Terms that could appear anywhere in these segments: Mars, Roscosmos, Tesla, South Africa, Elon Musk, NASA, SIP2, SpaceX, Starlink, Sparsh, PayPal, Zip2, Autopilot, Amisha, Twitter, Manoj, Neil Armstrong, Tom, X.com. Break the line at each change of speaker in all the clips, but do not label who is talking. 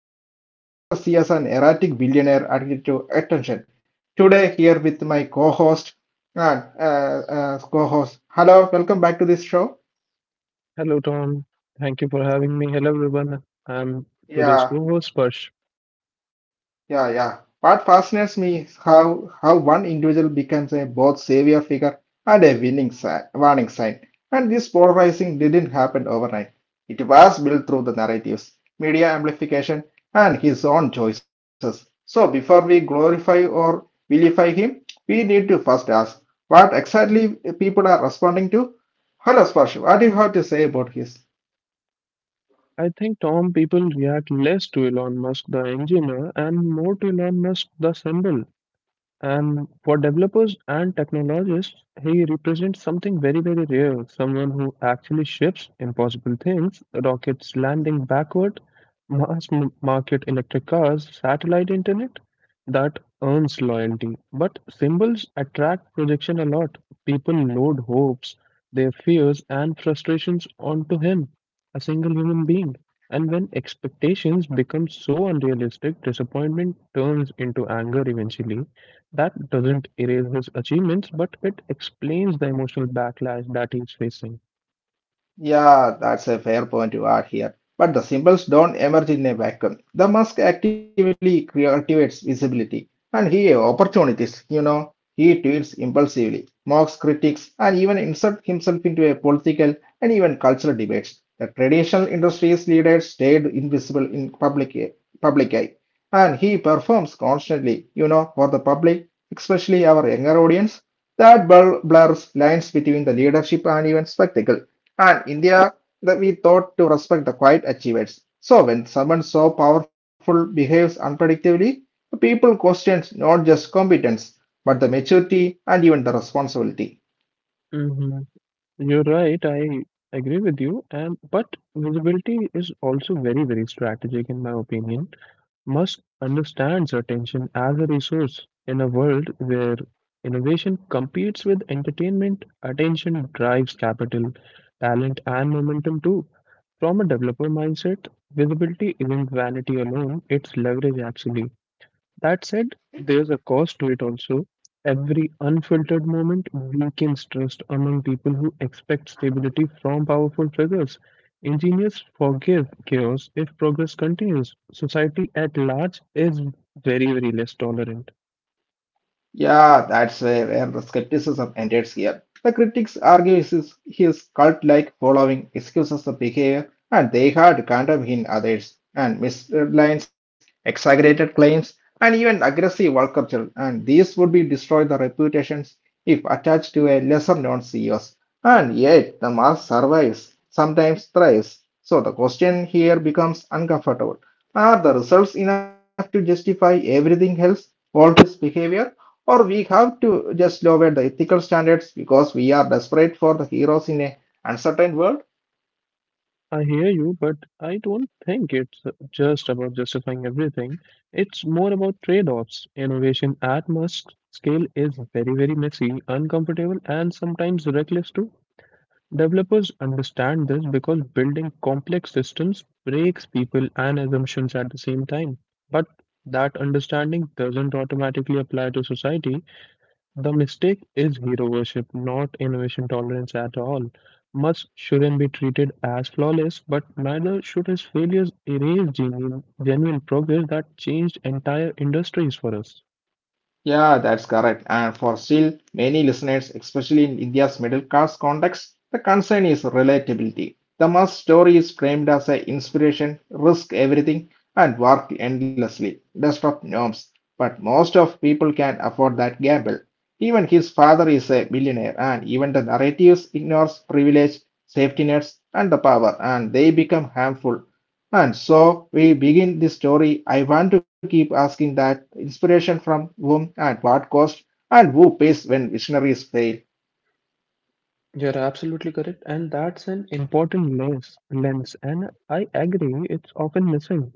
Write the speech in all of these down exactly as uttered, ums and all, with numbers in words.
future, and others see as an erratic billionaire addicted to attention. Today, here with my co-host and uh, uh, co-host. Hello, welcome back to this show.
Hello, Tom. Thank you for having me. Hello, everyone. I'm today's
Yeah.
co-host, Sparsh.
Yeah, yeah. What fascinates me is how how one individual becomes a both savior figure and a winning sign, warning sign. And this polarizing didn't happen overnight. It was built through the narratives, media amplification, and his own choices. So before we glorify or vilify him, we need to first ask what exactly people are responding to. Hello, Sparsh, what do you have to say about his?
I think, Tom, people react less to Elon Musk, the engineer, and more to Elon Musk, the symbol. And for developers and technologists, he represents something very, very rare, someone who actually ships impossible things, rockets landing backward, mass m- market electric cars, satellite internet that earns loyalty. But symbols attract projection a lot. People load hopes, their fears, and frustrations onto him, a single human being. And when expectations become so unrealistic, disappointment turns into anger eventually that doesn't erase his achievements, but it explains the emotional backlash that he's facing.
Yeah, that's a fair point you are here. But the symbols don't emerge in a vacuum. The mask actively cultivates visibility and he opportunities, you know. He tweets impulsively, mocks critics, and even inserts himself into a political and even cultural debates. The traditional industries leaders stayed invisible in public public eye. And he performs constantly, you know, for the public, especially our younger audience. That blur- blurs lines between the leadership and even spectacle and India that we thought to respect the quiet achievers. So when someone so powerful behaves unpredictably, the people questions not just competence, but the maturity and even the responsibility.
hmm You're right. I agree with you. And but visibility is also very, very strategic, in my opinion. Musk understands attention as a resource in a world where innovation competes with entertainment. Attention drives capital, talent, and momentum too. From a developer mindset, visibility isn't vanity alone; it's leverage actually. That said, there's a cost to it also. Every unfiltered moment weakens trust among people who expect stability from powerful figures. Engineers forgive chaos if progress continues. Society at large is very, very less tolerant.
Yeah, that's where, where the skepticism ended here. The critics argue his, his cult-like following excuses the behavior, and they had condemned in others, and mislines, exaggerated claims, and even aggressive work culture, and these would be destroy the reputations if attached to a lesser-known C E Os. And yet, the mass survives, sometimes thrives. So the question here becomes uncomfortable. Are the results enough to justify everything else, all his behavior? Or we have to just lower the ethical standards because we are desperate for the heroes in a uncertain world?
I hear you, but I don't think it's just about justifying everything. It's more about trade offs. Innovation at mass scale is very, very messy, uncomfortable, and sometimes reckless too. Developers understand this because building complex systems breaks people and assumptions at the same time. But that understanding doesn't automatically apply to society. The mistake is hero worship, not innovation tolerance at all. Much shouldn't be treated as flawless, but neither should his failures erase genuine, genuine progress that changed entire industries for us.
Yeah, that's correct. And for still many listeners, especially in India's middle class context, the concern is relatability. The must story is framed as an inspiration, risk everything, and work endlessly, disrupt norms. But most of people can afford that gamble. Even his father is a millionaire, and even the narratives ignores privilege, safety nets, and the power, and they become harmful and so we begin the story. I want to keep asking that inspiration from whom and what cost and who pays when visionaries fail.
an important lens, lens, and I agree it's often missing.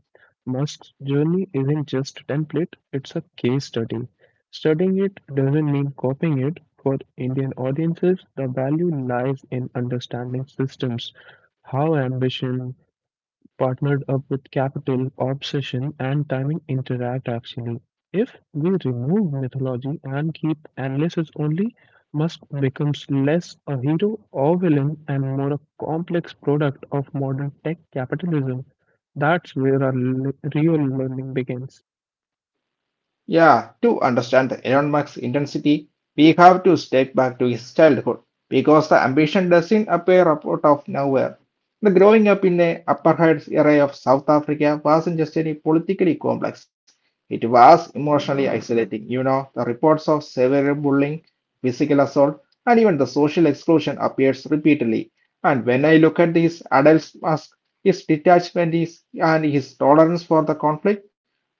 Musk's journey isn't just a template, it's a case study. Studying it doesn't mean copying it. For Indian audiences, the value lies in understanding systems, how ambition, partnered up with capital, obsession, and timing interact actually. If we remove mythology and keep analysis only, Musk becomes less a hero or villain and more a complex product of modern tech capitalism. That's where our le- real learning begins.
Yeah, to understand the Elon Musk's intensity, we have to step back to his childhood because the ambition doesn't appear out of nowhere. The growing up in the Upper Heights area of South Africa wasn't just any politically complex. It was emotionally isolating. You know, the reports of severe bullying, physical assault, and even the social exclusion appears repeatedly. And when I look at his adult mask, his detachment is, and his tolerance for the conflict,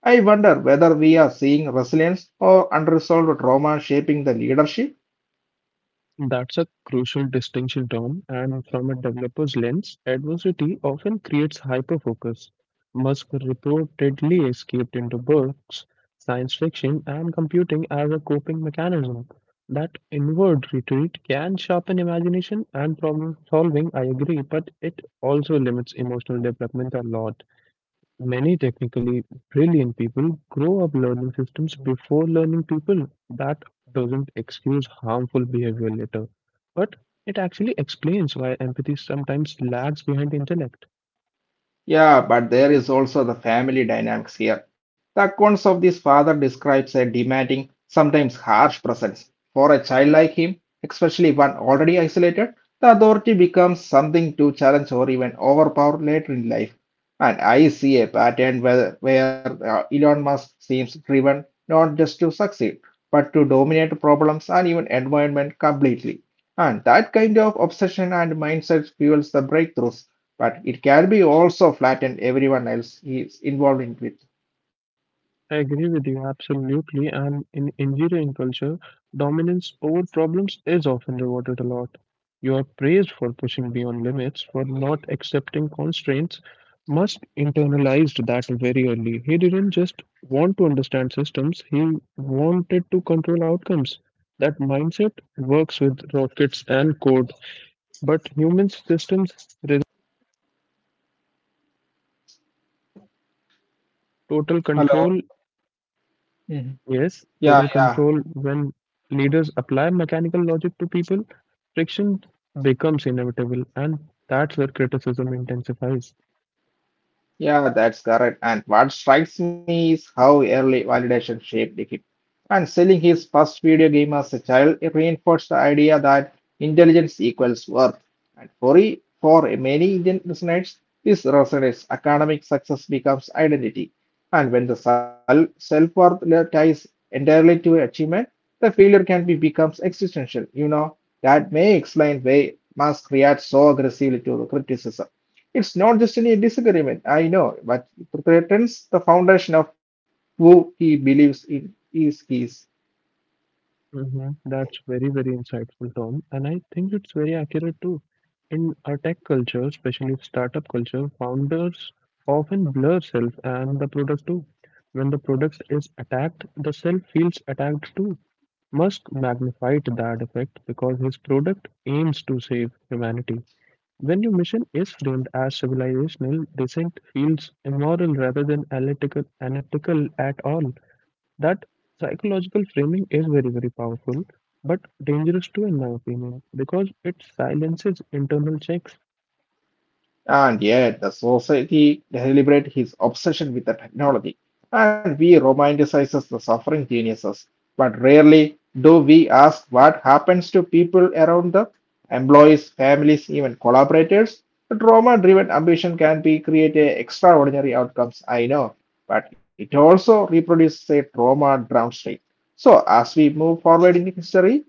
I wonder whether we are seeing resilience or unresolved trauma shaping the leadership.
That's a crucial distinction, Tom. And from a developer's lens, adversity often creates hyperfocus. Musk reportedly escaped into books, science fiction, and computing as a coping mechanism. That inward retreat can sharpen imagination and problem solving, I agree, but it also limits emotional development a lot. Many technically brilliant people grow up learning systems before learning people. That doesn't excuse harmful behavior later, but it actually explains why empathy sometimes lags behind intellect.
Yeah, but there is also the family dynamics here. The accounts of this father describes a demanding, sometimes harsh presence. For a child like him, especially one already isolated, the authority becomes something to challenge or even overpower later in life. And I see a pattern where, where uh, Elon Musk seems driven not just to succeed, but to dominate problems and even environment completely. And that kind of obsession and mindset fuels the breakthroughs but it can be also flattened everyone else is involved in with.
I agree with you absolutely. And in engineering culture, dominance over problems is often rewarded a lot. You are praised for pushing beyond limits, for not accepting constraints. Must internalized that very early. He didn't just want to understand systems, he wanted to control outcomes. That mindset works with rockets and code, but human systems requires a total
Hello.
control.
Mhm.
Yes,
Yeah,
total
yeah,
control. When leaders apply mechanical logic to people, friction becomes inevitable, and that's where criticism intensifies.
yeah, that's correct. And what strikes me is how early validation shaped human. And selling his first video game as a child reinforced the idea that intelligence equals worth. And for, e- for many Indian listeners, this resonates. Academic success becomes identity. And when the self worth ties entirely to achievement, the failure can be becomes existential. You know, that may explain why Musk reacts so aggressively to the criticism. It's not just any disagreement, I know, but it threatens the foundation of who he believes in is his.
hmm That's very, very insightful, Tom. And I think it's very accurate too. In our tech culture, especially startup culture, founders often blur self and the product too. When the product is attacked, the self feels attacked too. Musk magnified that effect because his product aims to save humanity. When your mission is framed as civilizational, dissent feels immoral rather than analytical, analytical at all. That psychological framing is very, very powerful, but dangerous too, in my opinion, because it silences internal checks.
And yet, the society celebrates his obsession with the technology, and we romanticize the suffering geniuses. But rarely do we ask what happens to people around the employees, families, even collaborators. The trauma driven ambition can be create a extraordinary outcomes, I know, but it also reproduces a trauma downstream. So, as we move forward in history,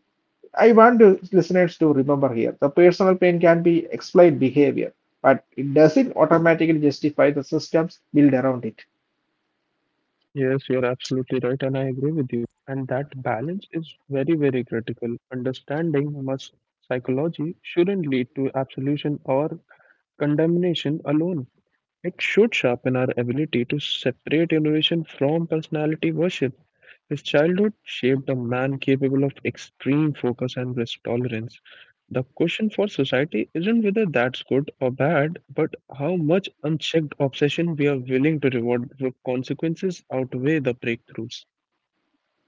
I want the listeners to remember here the personal pain can be explained behavior, but it doesn't automatically justify the systems built around it.
Yes, you're absolutely right, and I agree with you. And that balance is very, very critical. Understanding must psychology shouldn't lead to absolution or condemnation alone. It should sharpen our ability to separate innovation from personality worship. His childhood shaped a man capable of extreme focus and risk tolerance. The question for society isn't whether that's good or bad, but how much unchecked obsession we are willing to reward before consequences outweigh the breakthroughs.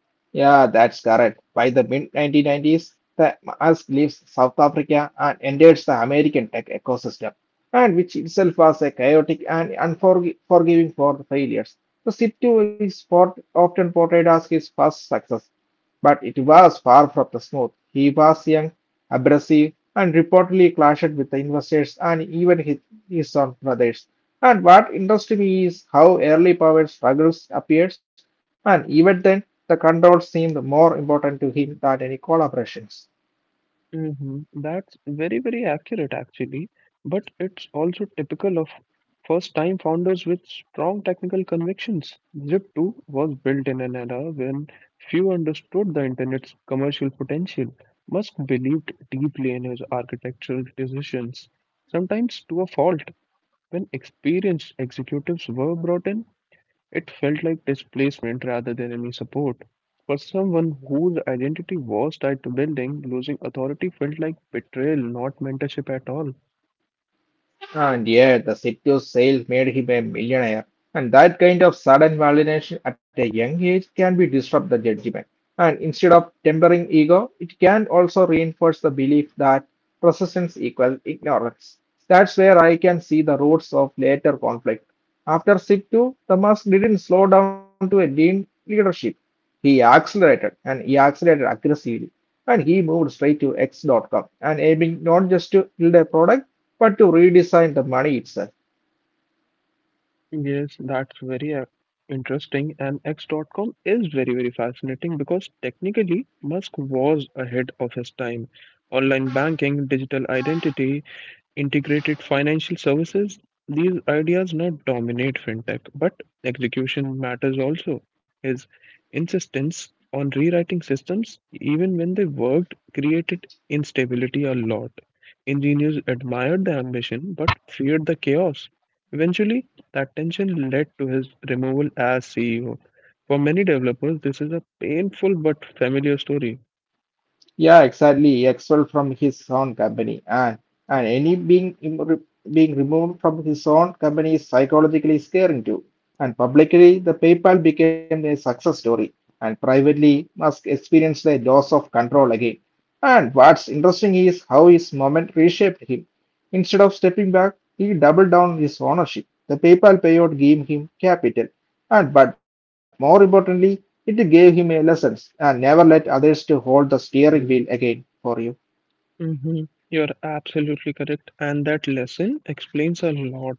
Yeah, that's correct. By the mid nineteen nineties, the mask leaves South Africa and enters the American tech ecosystem, and which itself was a chaotic and unforgiving for the failures. The S I P two is port- often portrayed as his first success, but it was far from the smooth. He was young, abrasive, and reportedly clashed with the investors and even his, his own brothers. And what interested me is how early power struggles appears, and even then, the control seemed more important to him than any collaborations.
hmm That's very, very accurate, actually. But it's also typical of first-time founders with strong technical convictions. zip two was built in an era when few understood the internet's commercial potential. Musk believed deeply in his architectural decisions, sometimes to a fault. When experienced executives were brought in, it felt like displacement rather than enemy support. For someone whose identity was tied to building, losing authority felt like betrayal, not mentorship at all.
And yeah, the City's sale made him a millionaire. And that kind of sudden validation at a young age can be disrupt the judgment. And instead of tempering ego, it can also reinforce the belief that persistence equals ignorance. That's where I can see the roots of later conflict. After Situ, the mask didn't slow down to a lean leadership. He accelerated and he accelerated aggressively. And he moved straight to X dot com and aiming not just to build a product but to redesign the money itself.
Yes, that's very uh, interesting. And x dot com is very, very fascinating because technically Musk was ahead of his time. Online banking, digital identity, integrated financial services, these ideas not dominate fintech, but execution matters also. His insistence on rewriting systems, even when they worked, created instability a lot. Engineers admired the ambition but feared the chaos. Eventually, that tension led to his removal as C E O. For many developers, this is a painful but familiar story.
Yeah, exactly. Excel from his own company, and and any being im- being removed from his own company is psychologically scaring too. And publicly, the PayPal became a success story, and privately, Musk experienced a loss of control again. And what's interesting is how his moment reshaped him. Instead of stepping back, he doubled down his ownership. The PayPal payout gave him capital and but more importantly, it gave him a lessons and never let others to hold the steering wheel again for you.
hmm You're absolutely correct, and that lesson explains a lot.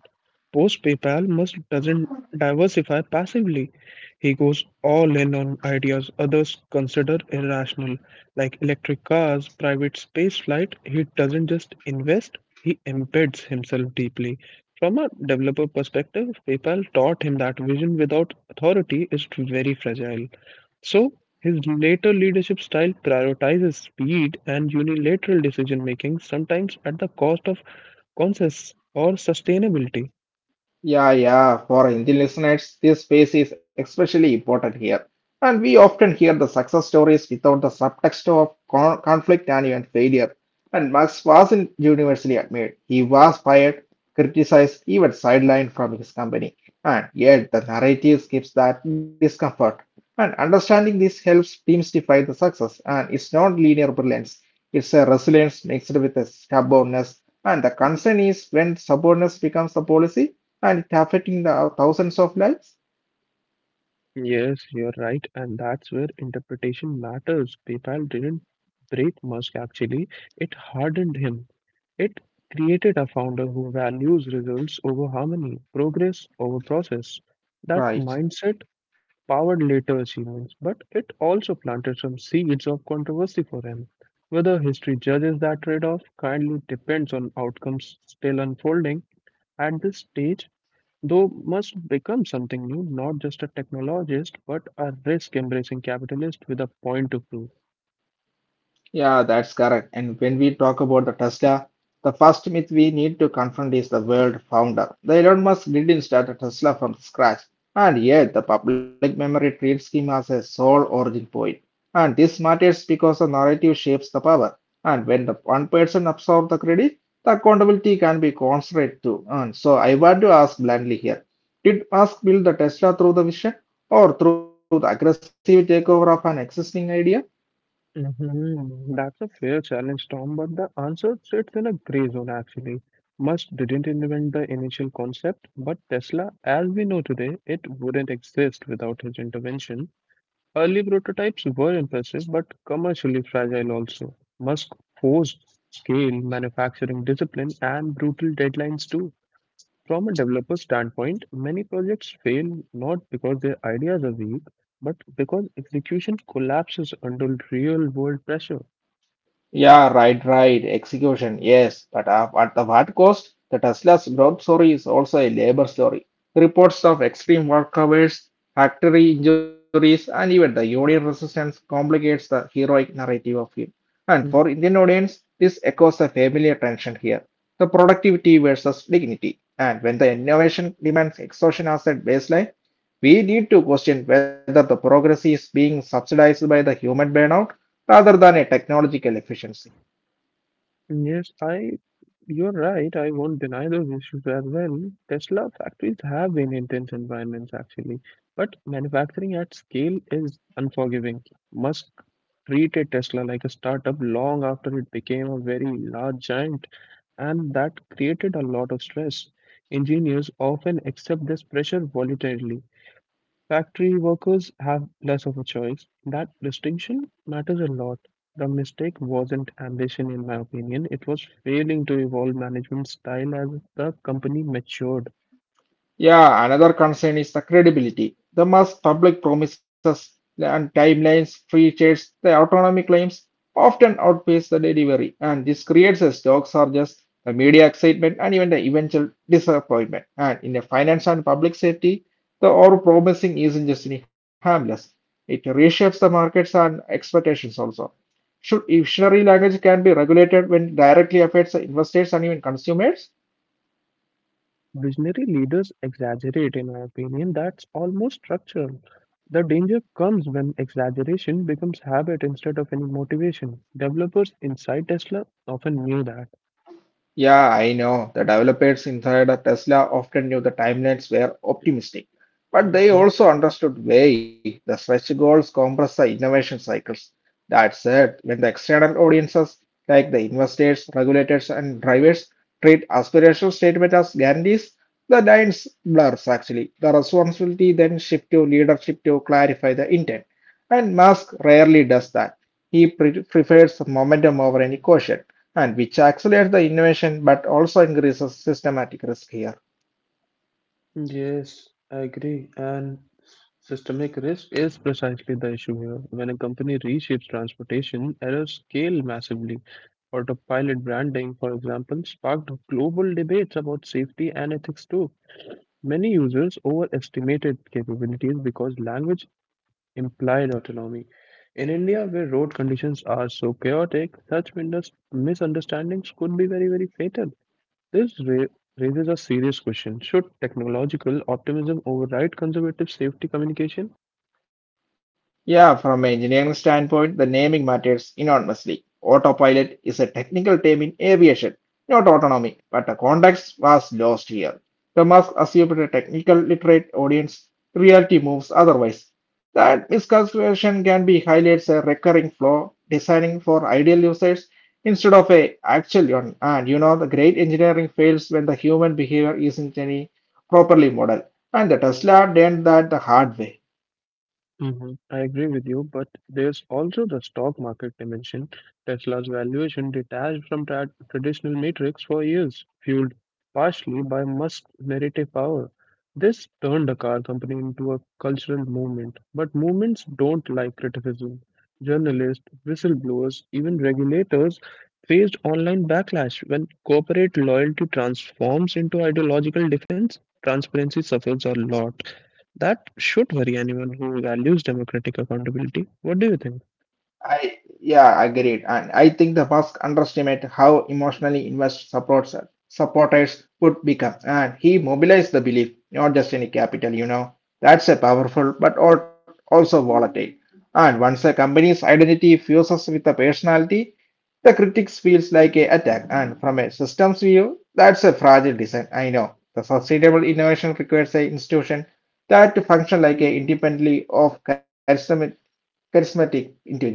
Post PayPal, Musk doesn't diversify passively. He goes all in on ideas others consider irrational, like electric cars, private space flight. He doesn't just invest, he embeds himself deeply. From a developer perspective, PayPal taught him that vision without authority is very fragile. So, his later leadership style prioritizes speed and unilateral decision making, sometimes at the cost of consensus or sustainability.
Yeah, yeah. For Indian listeners, this space is especially important here. And we often hear the success stories without the subtext of con- conflict and even failure. And Marx wasn't universally admired. He was fired, criticized, even sidelined from his company. And yet, the narrative skips that discomfort. And understanding this helps demystify the success. And it's not linear brilliance, it's a resilience mixed with a stubbornness. And the concern is when stubbornness becomes the policy and it affecting the uh, thousands of lives.
Yes, you're right, and that's where interpretation matters. PayPal didn't break Musk actually, it hardened him. It created a founder who values results over harmony, progress over process. That
Right.
mindset powered later achievements, but it also planted some seeds of controversy for him. Whether history judges that trade off kindly depends on outcomes still unfolding at this stage, though must become something new, not just a technologist, but a risk embracing capitalist with a point to prove.
Yeah, that's correct. And when we talk about the Tesla, the first myth we need to confront is the world founder. The Elon Musk didn't start a Tesla from scratch, and yet the public memory treats him as a sole origin point. And this matters because the narrative shapes the power. And when the one person absorbs the credit, the accountability can be constrained too. And so I want to ask bluntly here: Did Musk build the Tesla through the vision, or through the aggressive takeover of an existing idea?
Mhm. That's a fair challenge, Tom, but the answer sits in a gray zone actually. Musk didn't invent the initial concept, but Tesla, as we know today, it wouldn't exist without his intervention. Early prototypes were impressive but commercially fragile also. Musk forced scale, manufacturing discipline, and brutal deadlines too. From a developer standpoint, many projects fail not because their ideas are weak, but because execution collapses under real world pressure.
Yeah, right, right. Execution, yes. But uh, at the what cost? The Tesla's growth story is also a labor story. Reports of extreme work hours, factory injuries, and even the union resistance complicates the heroic narrative of him. And
Mhm.
for Indian audience, this echoes a familiar tension here. The productivity versus dignity. And when the innovation demands exhaustion as a baseline, we need to question whether the progress is being subsidized by the human burnout rather than a technological efficiency.
Yes, I you're right, I won't deny those issues as well. Tesla factories have been intense environments actually, but manufacturing at scale is unforgiving. Musk treated Tesla like a startup long after it became a very large giant, and that created a lot of stress. Engineers often accept this pressure voluntarily. Factory workers have less of a choice. That distinction matters a lot. The mistake wasn't ambition, in my opinion, it was failing to evolve management style as the company matured.
Yeah, another concern is the credibility. The mass public promises and timelines, free trades, the autonomy claims often outpace the delivery, and this creates a stock surges, the media excitement, and even the eventual disappointment. And in the finance and public safety, the over promising isn't just any harmless. It reshapes the markets and expectations also. Should visionary language can be regulated when it directly affects the investors and even consumers?
Visionary leaders exaggerate, in my opinion, that's almost structural. The danger comes when exaggeration becomes habit instead of any motivation. Developers inside Tesla often knew that.
Yeah, I know. The developers inside of Tesla often knew the timelines were optimistic, but they
Mhm.
also understood why the stretch goals compress the innovation cycles. That said, when the external audiences, like the investors, regulators, and drivers, treat aspirational statements as guarantees, the lines blurs actually. The responsibility then shifts to leadership to clarify the intent, and Musk rarely does that. He pre- prefers momentum over any caution and which accelerates the innovation but also increases systematic risk here.
Yes, I agree. And systemic risk is precisely the issue here. When a company reshapes transportation, errors scale massively. Autopilot branding, for example, sparked global debates about safety and ethics too. Many users overestimated capabilities because language implied autonomy. In India, where road conditions are so chaotic, such mindes- misunderstandings could be very, very fatal. This ra- raises a serious question. Should technological optimism override conservative safety communication?
Yeah, from an engineering standpoint, the naming matters enormously. Autopilot is a technical term in aviation, not autonomy, but the context was lost here. The Musk assumed a technical literate audience, reality moves otherwise. That misconception can be highlights a recurring flaw designing for ideal users instead of a actual one. And you know, the great engineering fails when the human behavior isn't any properly modeled. And the Tesla learned that the hard way.
Mhm. I agree with you, but there's also the stock market dimension. Tesla's valuation detached from tra- traditional metrics for years, fueled partially by Musk's narrative power. This turned the car company into a cultural movement, but movements don't like criticism. Journalists, whistleblowers, even regulators faced online backlash when corporate loyalty transforms into ideological defense. Transparency suffers a lot. That should worry anyone who values democratic accountability. What do you think?
I yeah, agreed. And I think the Musk underestimate how emotionally invested supports supporters would become. And he mobilized the belief, not just any capital, you know. That's a powerful but al- also volatile. And once a company's identity fuses with a personality, the critics feels like a attack. And from a systems view, that's a fragile design. I know. The sustainable innovation requires a institution that to function like a independently of charisma charismatic individuals.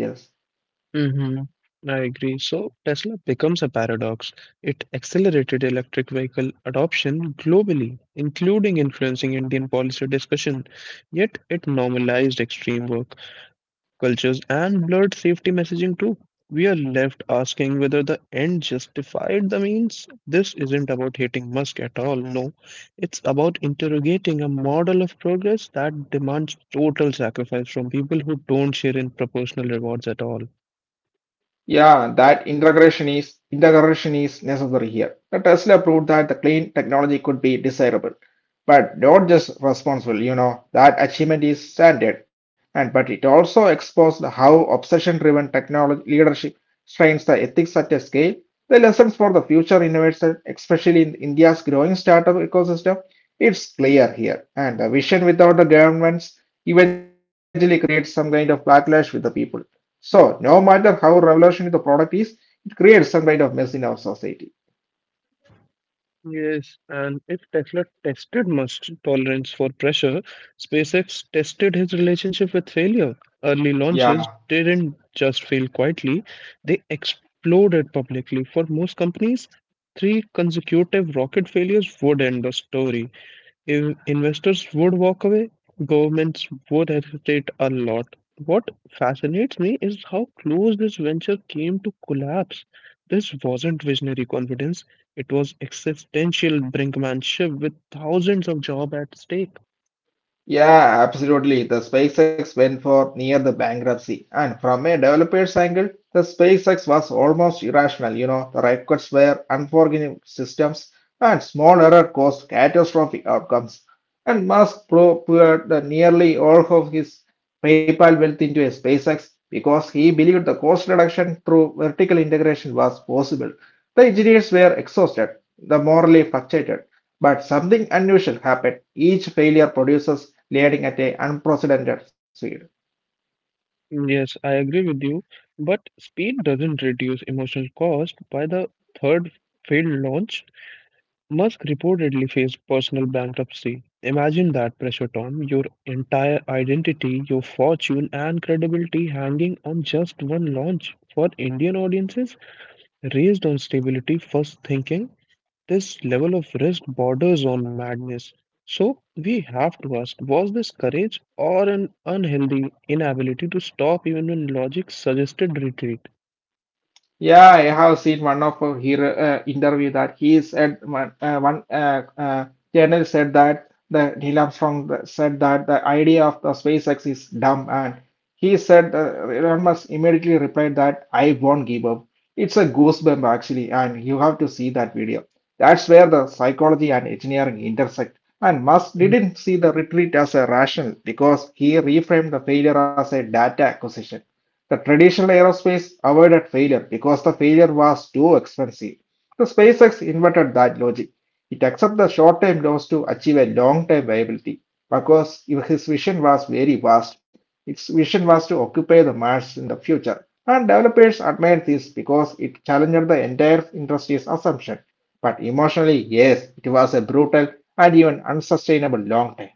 hmm I agree. So Tesla becomes a paradox. It accelerated electric vehicle adoption globally, including influencing Indian policy discussion, yet it normalized extreme work cultures, and blurred safety messaging too. We are left asking whether the end justified the means. This isn't about hating Musk at all, no. It's about interrogating a model of progress that demands total sacrifice from people who don't share in proportional rewards at all.
Yeah, that integration is integration is necessary here. The Tesla proved that the clean technology could be desirable, but not just responsible. You know that achievement is standard, and but it also exposed how obsession-driven technology leadership strains the ethics at a scale. The lessons for the future innovation, especially in India's growing startup ecosystem, it's clear here, and the vision without the governments eventually creates some kind of backlash with the people. So, no matter how revolutionary the product is, it creates some kind of mess in our society.
Yes, and if Tesla tested Musk's tolerance for pressure, SpaceX tested his relationship with failure. Early
Yeah,
launches didn't just fail quietly, they exploded publicly. For most companies, three consecutive rocket failures would end the story. In- investors would walk away, governments would hesitate a lot. What fascinates me is how close this venture came to collapse. This wasn't visionary confidence, it was existential brinkmanship with thousands of jobs at stake.
Yeah, absolutely. The SpaceX went for near the bankruptcy. And from a developer's angle, the SpaceX was almost irrational. You know, the records were unforgiving systems and small error caused catastrophic outcomes. And Musk pro- poured the nearly all of his PayPal wealth into a SpaceX because he believed the cost reduction through vertical integration was possible. The engineers were exhausted, the morally fluctuated, but something unusual happened. Each failure produces leading at an unprecedented speed.
Yes, I agree with you, but speed doesn't reduce emotional cost by the third failed launch. Musk reportedly faced personal bankruptcy. Imagine that pressure, Tom. Your entire identity, your fortune, and credibility hanging on just one launch. For Indian audiences raised on stability first thinking, this level of risk borders on madness. So, we have to ask was this courage or an unhealthy inability to stop even when logic suggested retreat?
Yeah, I have seen one of her hero- uh, interview that he said one, uh, one uh, uh, journalist said that the Neil Armstrong th- said that the idea of the SpaceX is dumb, and he said uh, Elon Musk immediately replied that I won't give up. It's a goosebump actually, and you have to see that video. That's where the psychology and engineering intersect. And Musk didn't see the retreat as a rational because he reframed the failure as a data acquisition. The traditional aerospace avoided failure because the failure was too expensive. The SpaceX invented that logic. It accepted the short term loss to achieve a long term viability because if his vision was very vast. Its vision was to occupy the Mars in the future. And developers admired this because it challenged the entire industry's assumption. But emotionally, yes, it was a brutal and even unsustainable long term.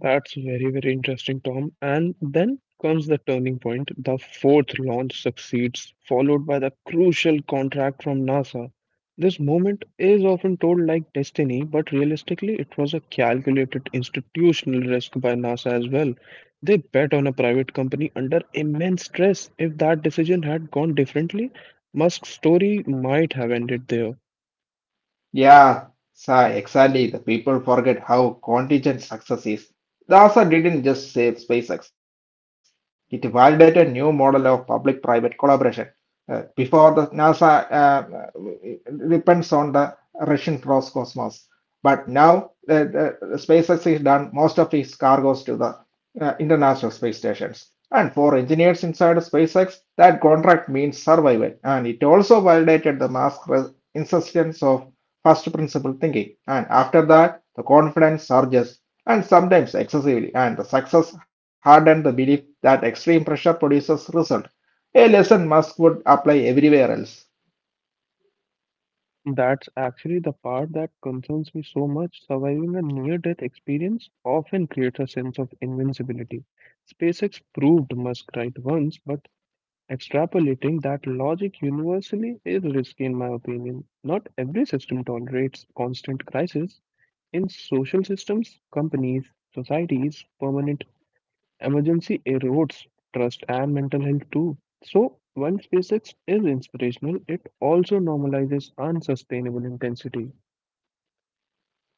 That's very, very interesting, Tom. And then comes the turning point. The fourth launch succeeds, followed by the crucial contract from NASA. This moment is often told like destiny, but realistically, it was a calculated institutional risk by NASA as well. They bet on a private company under immense stress. If that decision had gone differently, Musk's story might have ended there.
Yeah, sa- exactly. The people forget how contingent success is. NASA didn't just save SpaceX, it validated new model of public-private collaboration. Uh, before the NASA uh, uh, depends on the Russian Roscosmos, but now uh, the the SpaceX is done most of its cargoes to the uh, international space stations. And for engineers inside SpaceX, that contract means survival, and it also validated the mass resistance of first principle thinking. And after that, the confidence surges and sometimes excessively, and the success hardened the belief that extreme pressure produces result. A lesson Musk would apply everywhere else.
That's actually the part that concerns me so much. Surviving a near-death experience often creates a sense of invincibility. SpaceX proved Musk right once, but extrapolating that logic universally is risky, in my opinion. Not every system tolerates constant crisis. In social systems, companies, societies, permanent emergency erodes trust and mental health too. So, while SpaceX is inspirational, it also normalizes unsustainable intensity.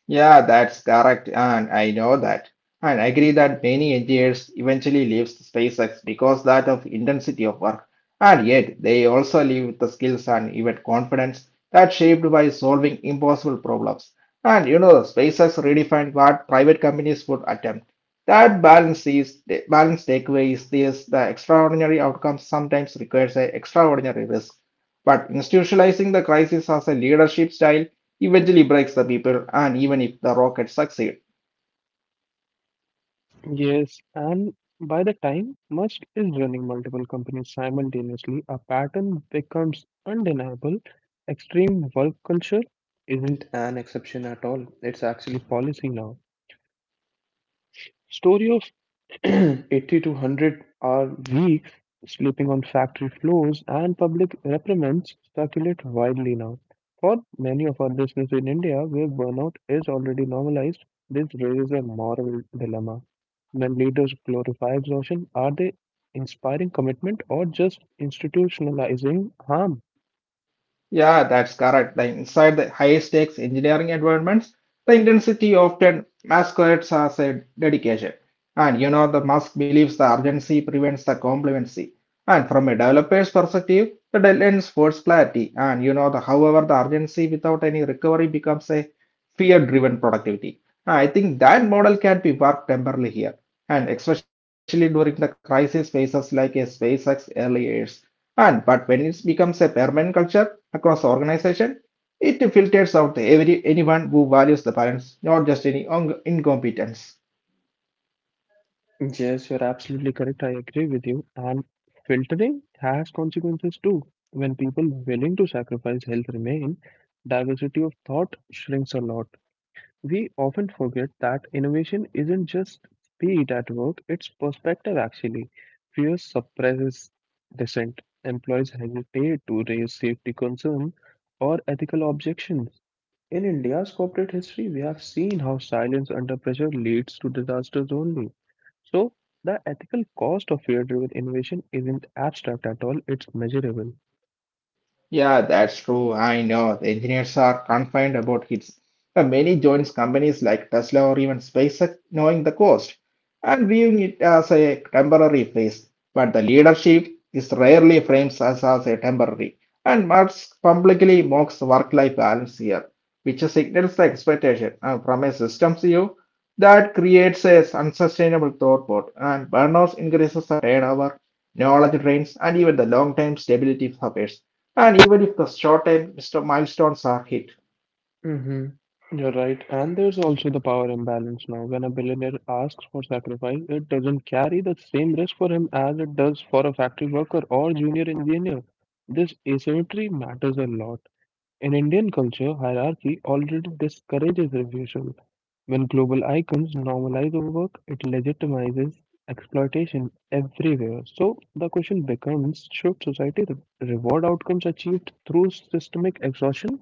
Yeah, that's correct, and I know that. And I agree that many engineers eventually leave SpaceX because that of intensity of work, and yet they also leave with the skills and even confidence that shaped by solving impossible problems. And you know, the SpaceX redefined what private companies would attempt. That balance is balance takeaway is this: the extraordinary outcome sometimes requires an extraordinary risk. But institutionalizing the crisis as a leadership style eventually breaks the people and even if the rockets succeed.
Yes, and by the time Musk is running multiple companies simultaneously, a pattern becomes undeniable. Extreme work culture isn't an exception at all, it's actually policy now. Story of eighty to one hundred are weeks, sleeping on factory floors, and public reprimands circulate widely now. For many of our listeners in India, where burnout is already normalized, this raises a moral dilemma. When leaders glorify exhaustion, are they inspiring commitment or just institutionalizing harm?
Yeah, that's correct. The inside the high stakes engineering environments, the intensity often masquerades as a dedication. And you know, the Musk believes the urgency prevents the complacency. And from a developer's perspective, the deadlines force clarity. And you know, the however, the urgency without any recovery becomes a fear-driven productivity. I think that model can be worked temporarily here, and especially during the crisis phases like a SpaceX early years. And but when it becomes a permanent culture across organization, it filters out every anyone who values the balance, not just any incompetence.
Yes, you're absolutely correct. I agree with you. And filtering has consequences too. When people willing to sacrifice health remain, diversity of thought shrinks a lot. We often forget that innovation isn't just speed at work, it's perspective actually. Fear suppresses dissent. Employees hesitate to raise safety concerns or ethical objections. In India's corporate history, we have seen how silence under pressure leads to disasters only. So, the ethical cost of fear driven innovation isn't abstract at all, it's measurable.
Yeah, that's true. I know. The engineers are confined about hits. Uh, Many joins companies like Tesla or even SpaceX knowing the cost and viewing it as a temporary phase. But the leadership is rarely frames as, as a temporary. And Marx publicly mocks work-life balance here, which signals the expectation uh, from a systems view that creates a unsustainable thought bot and burnout increases the turnover, knowledge drains, and even the long-term stability suffers. And even if the short term mist- milestones are hit,
Mm-hmm. You're right. And there's also the power imbalance now. When a billionaire asks for sacrifice, it doesn't carry the same risk for him as it does for a factory worker or junior engineer. This asymmetry matters a lot. In Indian culture, hierarchy already discourages refusal. When global icons normalize overwork, it legitimizes exploitation everywhere. So the question becomes, should society re- reward outcomes achieved through systemic exhaustion?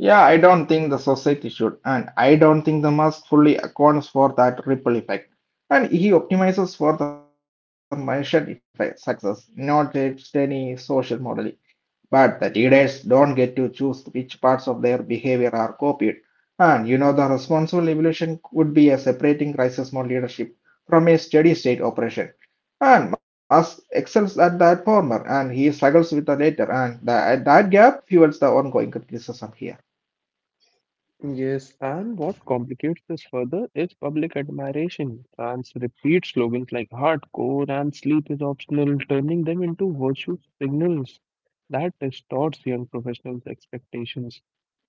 yeah, I don't think the society should, and I don't think the mask fully accounts for that ripple effect. And he optimizes for the measured effect success, not a any social model. But the leaders don't get to choose which parts of their behavior are copied. And you know, the responsible evolution would be a separating crisis mode leadership from a steady state operation. And Musk excels at that former, and he struggles with the latter, and the, that gap fuels the ongoing criticism here.
Yes, and what complicates this further is public admiration. France repeats slogans like hardcore and sleep is optional, turning them into virtue signals that distorts young professionals' expectations.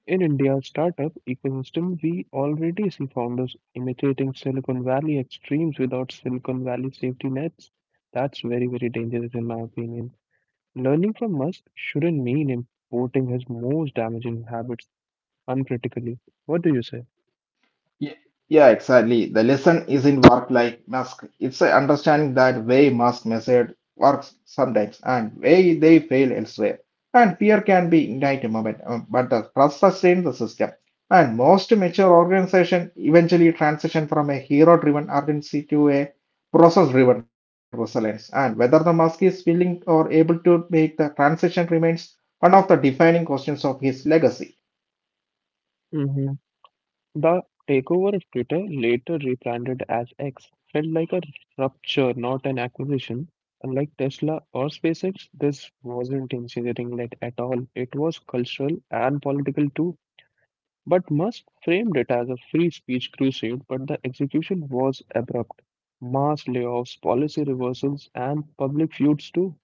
In India's startup ecosystem, we already see founders imitating Silicon Valley extremes without Silicon Valley safety nets. That's very, very dangerous, in my opinion. Learning from Musk shouldn't mean importing his most damaging habits uncritically. What do you say?
Ye- Yeah, exactly. The lesson isn't work like Musk. It's a understanding that way Musk method works sometimes and way they fail elsewhere. And fear can be ignited moment, um, but the trust sustains the system. And most mature organizations eventually transition from a hero-driven urgency to a process-driven resilience. And whether the Musk is willing or able to make the transition remains one of the defining questions of his legacy.
Hmm. The takeover of Twitter, later rebranded as X, felt like a rupture, not an acquisition. Unlike Tesla or SpaceX, this wasn't engineering led at all. It was cultural and political too. But Musk framed it as a free speech crusade, but the execution was abrupt. Mass layoffs, policy reversals, and public feuds too.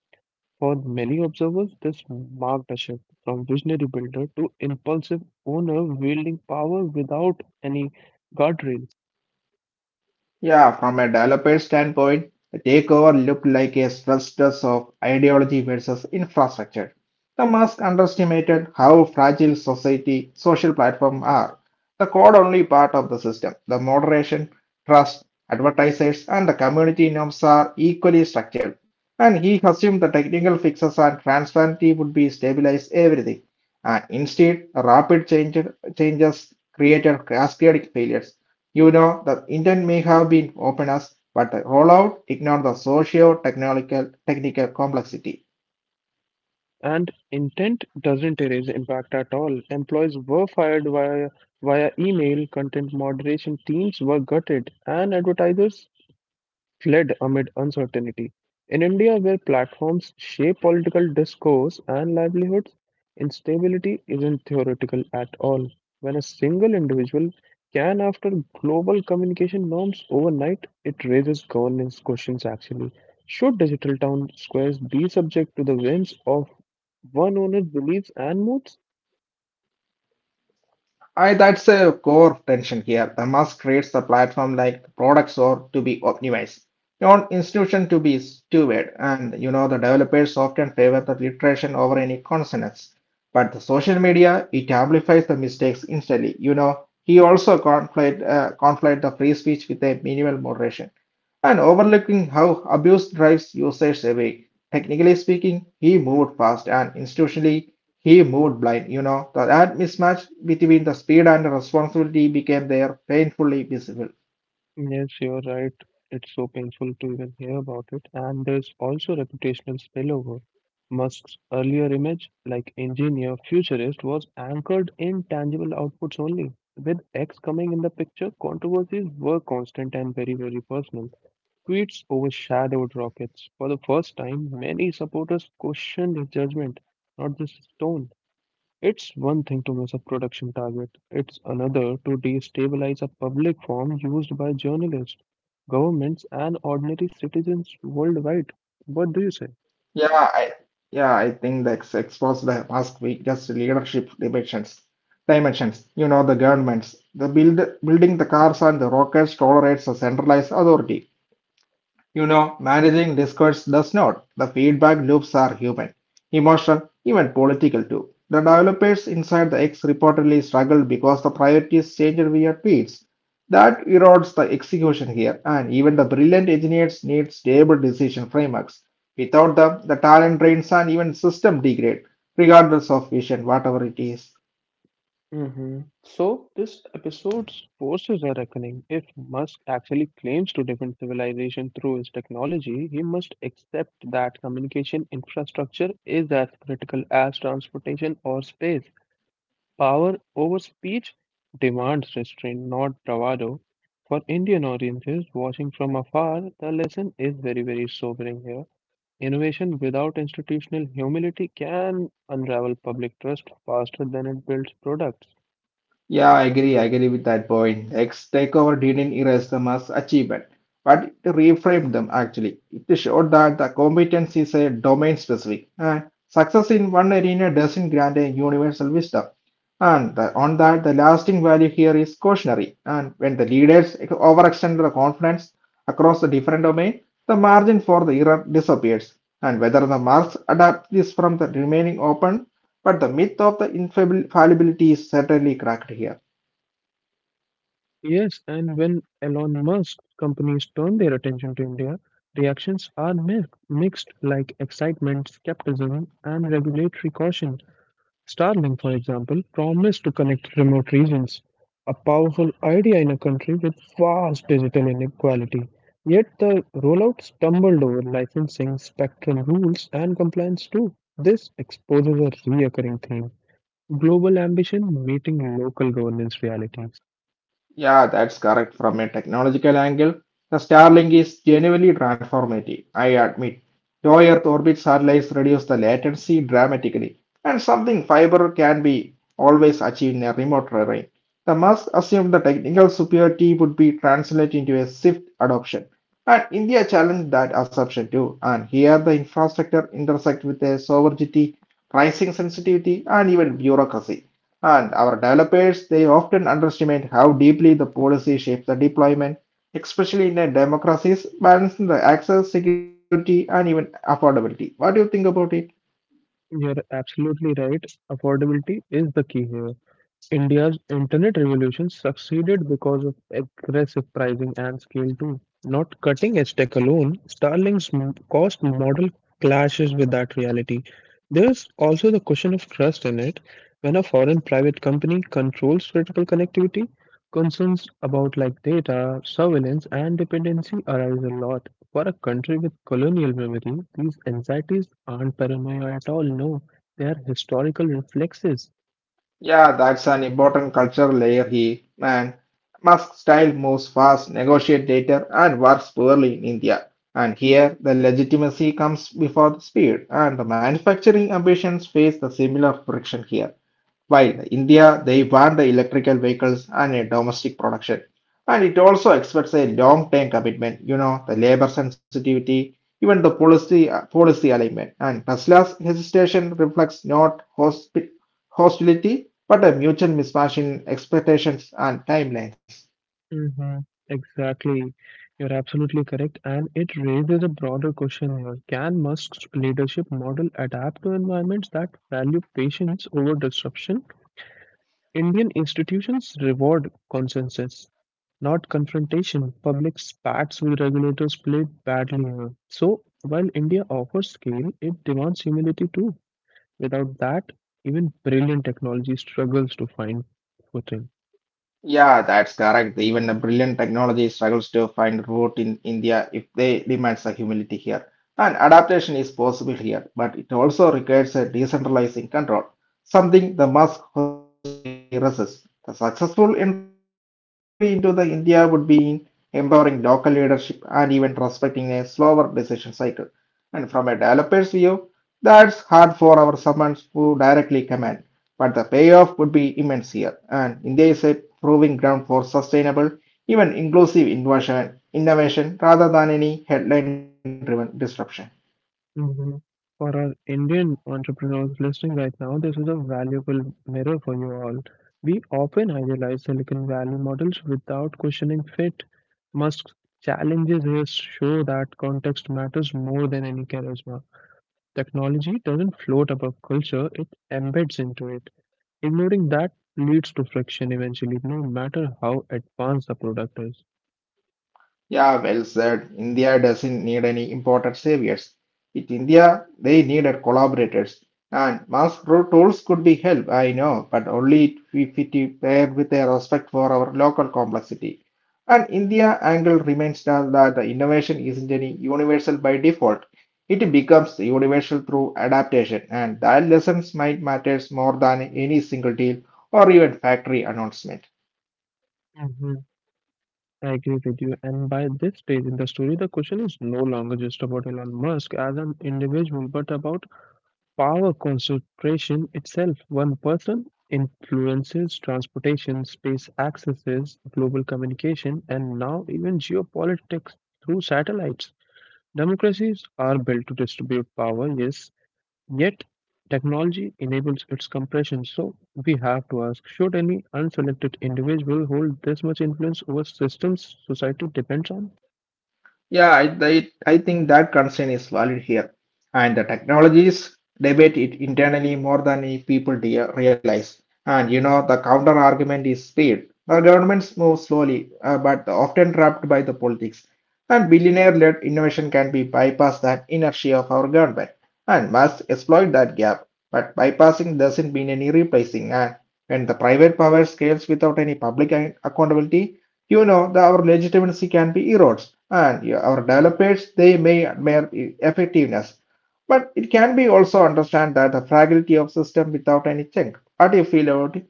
For many observers, this marked a shift from visionary builder to impulsive owner wielding power without any guardrails.
Yeah, from a developer standpoint, the takeover looked like a stress test of ideology versus infrastructure. The Musk underestimated how fragile society social platforms are. The code only part of the system. The moderation, trust, advertisers, and the community norms are equally structured. And he assumed the technical fixes and transparency would be stabilize everything. And instead, rapid change, changes created cascading failures. You know, the intent may have been open us, but the rollout ignored the socio-technical technical complexity.
And intent doesn't erase impact at all. Employees were fired via, via email, content moderation teams were gutted, and advertisers fled amid uncertainty. In India, where platforms shape political discourse and livelihoods, instability isn't theoretical at all. When a single individual can, after global communication norms overnight, it raises governance questions actually. Should digital town squares be subject to the whims of one owner's beliefs and moods?
I That's a core tension here. The mass creates the platform like products or to be optimized, not institution to be stewed. And you know the developers often favor the iteration over any consonants. But the social media it amplifies the mistakes instantly. You know he also conflate uh, conflate the free speech with a minimal moderation and overlooking how abuse drives usage away. Technically speaking, he moved fast and institutionally he moved blind, you know. That mismatch between the speed and the responsibility became there painfully visible.
Yes, you're right. It's so painful to even hear about it. And there's also reputational spillover. Musk's earlier image, like engineer, futurist, was anchored in tangible outputs only. With X coming in the picture, controversies were constant and very, very personal. Tweets overshadowed rockets. For the first time, many supporters questioned his judgment, not just his tone. It's one thing to miss a production target, it's another to destabilize a public forum used by journalists, governments, and ordinary citizens worldwide. What do you say?
Yeah, I, yeah, I think that's exposed the past week just leadership dimensions. Dimensions, you know, the governments, the build, building the cars and the rockets tolerates a centralized authority. You know, managing discourse does not. The feedback loops are human, emotional, even political too. The developers inside the X reportedly struggled because the priorities changed via tweets. That erodes the execution here, and even the brilliant engineers need stable decision frameworks. Without them, the talent drains and even system degrade, regardless of vision, whatever it is.
Hmm. So, this episode forces a reckoning. If Musk actually claims to defend civilization through his technology, he must accept that communication infrastructure is as critical as transportation or space. Power over speech demands restraint, not bravado. For Indian audiences watching from afar, the lesson is very, very sobering here. Innovation without institutional humility can unravel public trust faster than it builds products.
Yeah, I agree. I agree with that point. X takeover didn't erase them as achievement, but it reframed them actually. It showed that the competence is a domain specific. And success in one arena doesn't grant a universal wisdom. And the, on that, the lasting value here is cautionary. And when the leaders overextend the confidence across the different domain, the margin for the error disappears. And whether the marks adapt this from the remaining open but the myth of the infallibility is certainly cracked here.
Yes, and when Elon Musk companies turn their attention to India, reactions are mi- mixed like excitement, skepticism, and regulatory caution. Starlink, for example, promised to connect remote regions, a powerful idea in a country with vast digital inequality. Yet the rollout stumbled over licensing, spectrum rules, and compliance too. This exposes a reoccurring theme: global ambition meeting local governance realities.
Yeah, that's correct. From a technological angle, the Starlink is genuinely transformative, I admit. Low Earth orbit satellites reduce the latency dramatically, and something fiber can be always achieved in a remote terrain. The must assume the technical superiority would be translated into a swift adoption. And India challenged that assumption too, and here the infrastructure intersect with a sovereignty, pricing sensitivity, and even bureaucracy. And our developers, they often underestimate how deeply the policy shapes the deployment, especially in a democracies, balancing the access, security, and even affordability. What do you think about it?
You're absolutely right. Affordability is the key here. India's internet revolution succeeded because of aggressive pricing and scale too. Not cutting edge tech alone, Starlink's m- cost model clashes with that reality. There's also the question of trust in it. When a foreign private company controls critical connectivity, concerns about like data, surveillance, and dependency arise a lot. For a country with colonial memory, these anxieties aren't paranoia at all, no. They are historical reflexes.
Yeah, that's an important cultural layer here. And Musk style moves fast, negotiate later, and works poorly in India. And here, the legitimacy comes before the speed, and the manufacturing ambitions face the similar friction here. While in India, they ban the electrical vehicles and a domestic production. And it also expects a long-term commitment, you know, the labor sensitivity, even the policy uh, policy alignment. And Tesla's hesitation reflects not hospi- hostility, but a mutual mismatch in expectations and timelines.
Hmm. Exactly. You're absolutely correct. And it raises a broader question here. Can Musk's leadership model adapt to environments that value patience over disruption? Indian institutions reward consensus, not confrontation. Public spats with regulators played badly here. So, while India offers scale, it demands humility too. Without that, even brilliant technology struggles to find footing.
Yeah, that's correct. Even the brilliant technology struggles to find root in India if they demands a humility here. And adaptation is possible here, but it also requires a decentralizing control, something the Musk historically resists. The successful entry into the India would be in empowering local leadership and even respecting a slower decision cycle. And from a developer's view, that's hard for our someone who directly command. But the payoff would be immense here, and India is a proving ground for sustainable, even inclusive innovation, innovation rather than any headline driven disruption.
Hmm. For our Indian entrepreneurs listening right now, this is a valuable mirror for you all. We often idealize Silicon Valley models without questioning fit. Musk's challenges here show that context matters more than any charisma. Technology doesn't float above culture, it embeds into it. Ignoring that leads to friction eventually, no matter how advanced the product
Yeah, well said. India doesn't need any imported saviors. In India, they needed collaborators. And mass pro- tools could be help, I know, but only if it paired with a respect for our local complexity. And India angle remains that that the innovation isn't any universal by default. It becomes universal through adaptation, and that lessons might matters more than any single deal or even factory announcement.
is. I agree with you. And by this stage in the story, the question is no longer just about Elon Musk as an individual, but about power concentration itself. One person influences transportation, space accesses, global communication, and now even geopolitics through satellites. Democracies are built to distribute power, yes, yet, technology enables its compression, so we have to ask, should any unselected individual hold this much influence over systems society depends on?
Yeah, I, I, I think that concern is valid here. And the technologies debate it internally more than i- people de- realize. And you know, the counter argument is speed. Our governments move slowly, uh, but often trapped by the politics. And billionaire-led innovation can be bypassed that inertia of our government and must exploit that gap. But bypassing doesn't mean any replacing. And when the private power scales without any public a- accountability, you know that our legitimacy can be eroded and, yeah, our developers they may admire e- effectiveness but it can be also understand that the fragility of system without any check. What do you feel about it?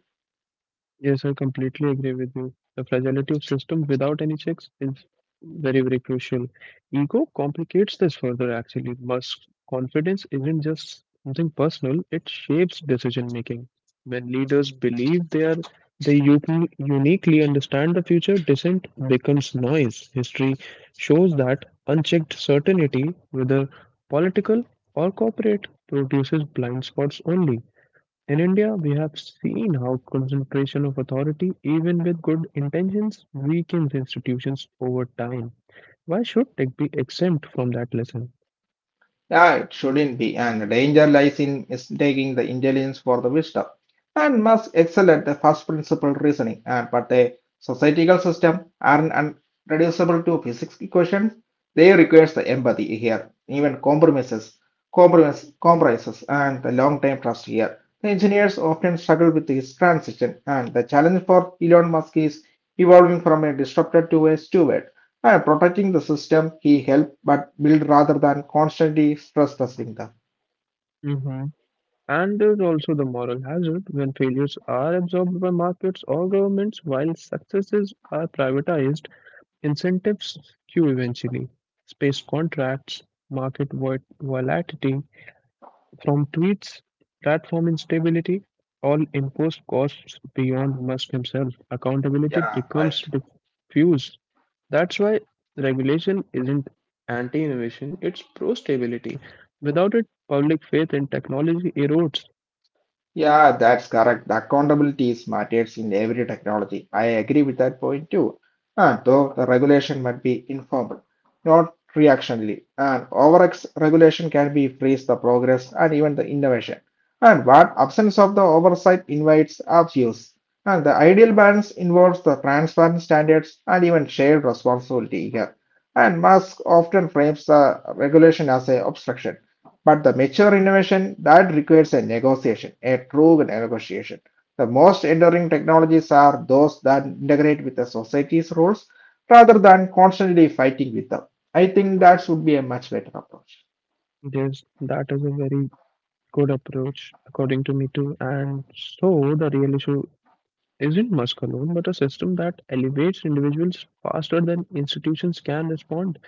Yes, I completely agree with you. The fragility of system without any checks is very, very crucial. Ego complicates this further, actually. Musk confidence isn't just something personal, it shapes decision making. When leaders believe they are they u- uniquely understand the future, dissent becomes noise. History shows that unchecked certainty, whether political or corporate, produces blind spots only. In India, we have seen how concentration of authority, even with good intentions, weakens institutions over time. Why should tech be exempt from that lesson?
Yeah, it shouldn't be, and the danger lies in mistaking the intelligence for the wisdom, and must excel at the first principle reasoning. And but the societal system aren't un- reducible to physics equations. They requires the empathy here, even compromises, compromise, compromises, and the long-term trust here. The engineers often struggle with this transition, and the challenge for Elon Musk is evolving from a disruptor to a steward. And protecting the system he helped but build rather than constantly stress testing them.
Hmm. And there's also the moral hazard: when failures are absorbed by markets or governments while successes are privatized, incentives skew eventually. Space contracts, market vo- volatility, from tweets, platform instability, all imposed costs beyond Musk himself, accountability
Yeah,
becomes
right.
diffuse. That's why regulation isn't anti innovation, it's pro stability. Without it, public faith in technology erodes.
Yeah, that's correct. The accountability is matters in every technology. I agree with that point too. And though the regulation might be informal, not reactionary, and overex regulation can be freeze the progress and even the innovation. And what absence of the oversight invites abuse. And the ideal balance involves the transparent standards and even shared responsibility here. And Musk often frames the regulation as a obstruction but the mature innovation that requires a negotiation, a true negotiation. The most enduring technologies are those that integrate with the society's rules rather than constantly fighting with them. I think that would be a much better approach.
There's, that is a very good approach, according to me, too. And so the real issue isn't Musk alone, but a system that elevates individuals faster than institutions can respond.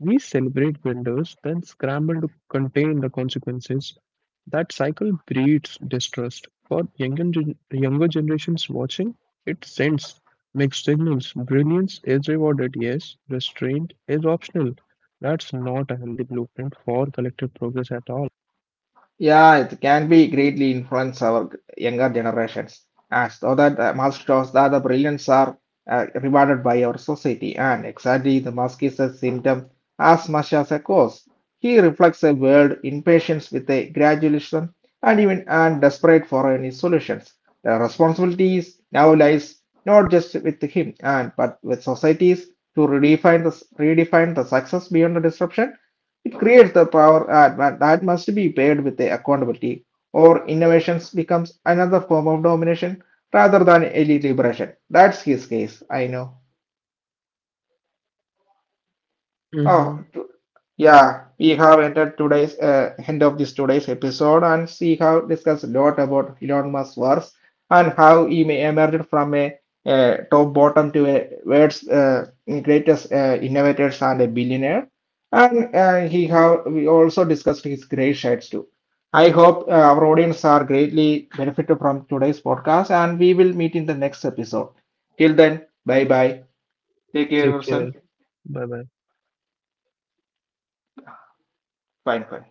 We celebrate winners, then scramble to contain the consequences. That cycle breeds distrust. For younger, gen- younger generations watching, it sends mixed signals. Brilliance is rewarded, yes. Restraint is optional. That's not a healthy blueprint for collective progress at all.
Yeah, it can be greatly influence our g- younger generations, as though that uh, mask shows that the brilliance are uh, rewarded by our society, and exactly the mask is a symptom as much as a cause. He reflects a world in patience with a gradualism and even and desperate for any solutions. The responsibilities now lies not just with him and but with societies to redefine the s- redefine the success beyond the disruption it creates the power that, that must be paired with the accountability, or innovations becomes another form of domination rather than elite liberation. That's his case, I know. Oh,
Hmm.
yeah, we have entered today's uh, end of this today's episode, and we have discussed a lot about Elon Musk's works and how he may emerged from a, uh top bottom to a world's uh, greatest uh, innovators and a billionaire. And uh, he have we also discussed his great sides too. I hope uh, our audience are greatly benefited from today's podcast, and we will meet in the next episode. Till then, bye bye. Take care of
Take care.
yourself.
Bye bye.
Fine, fine.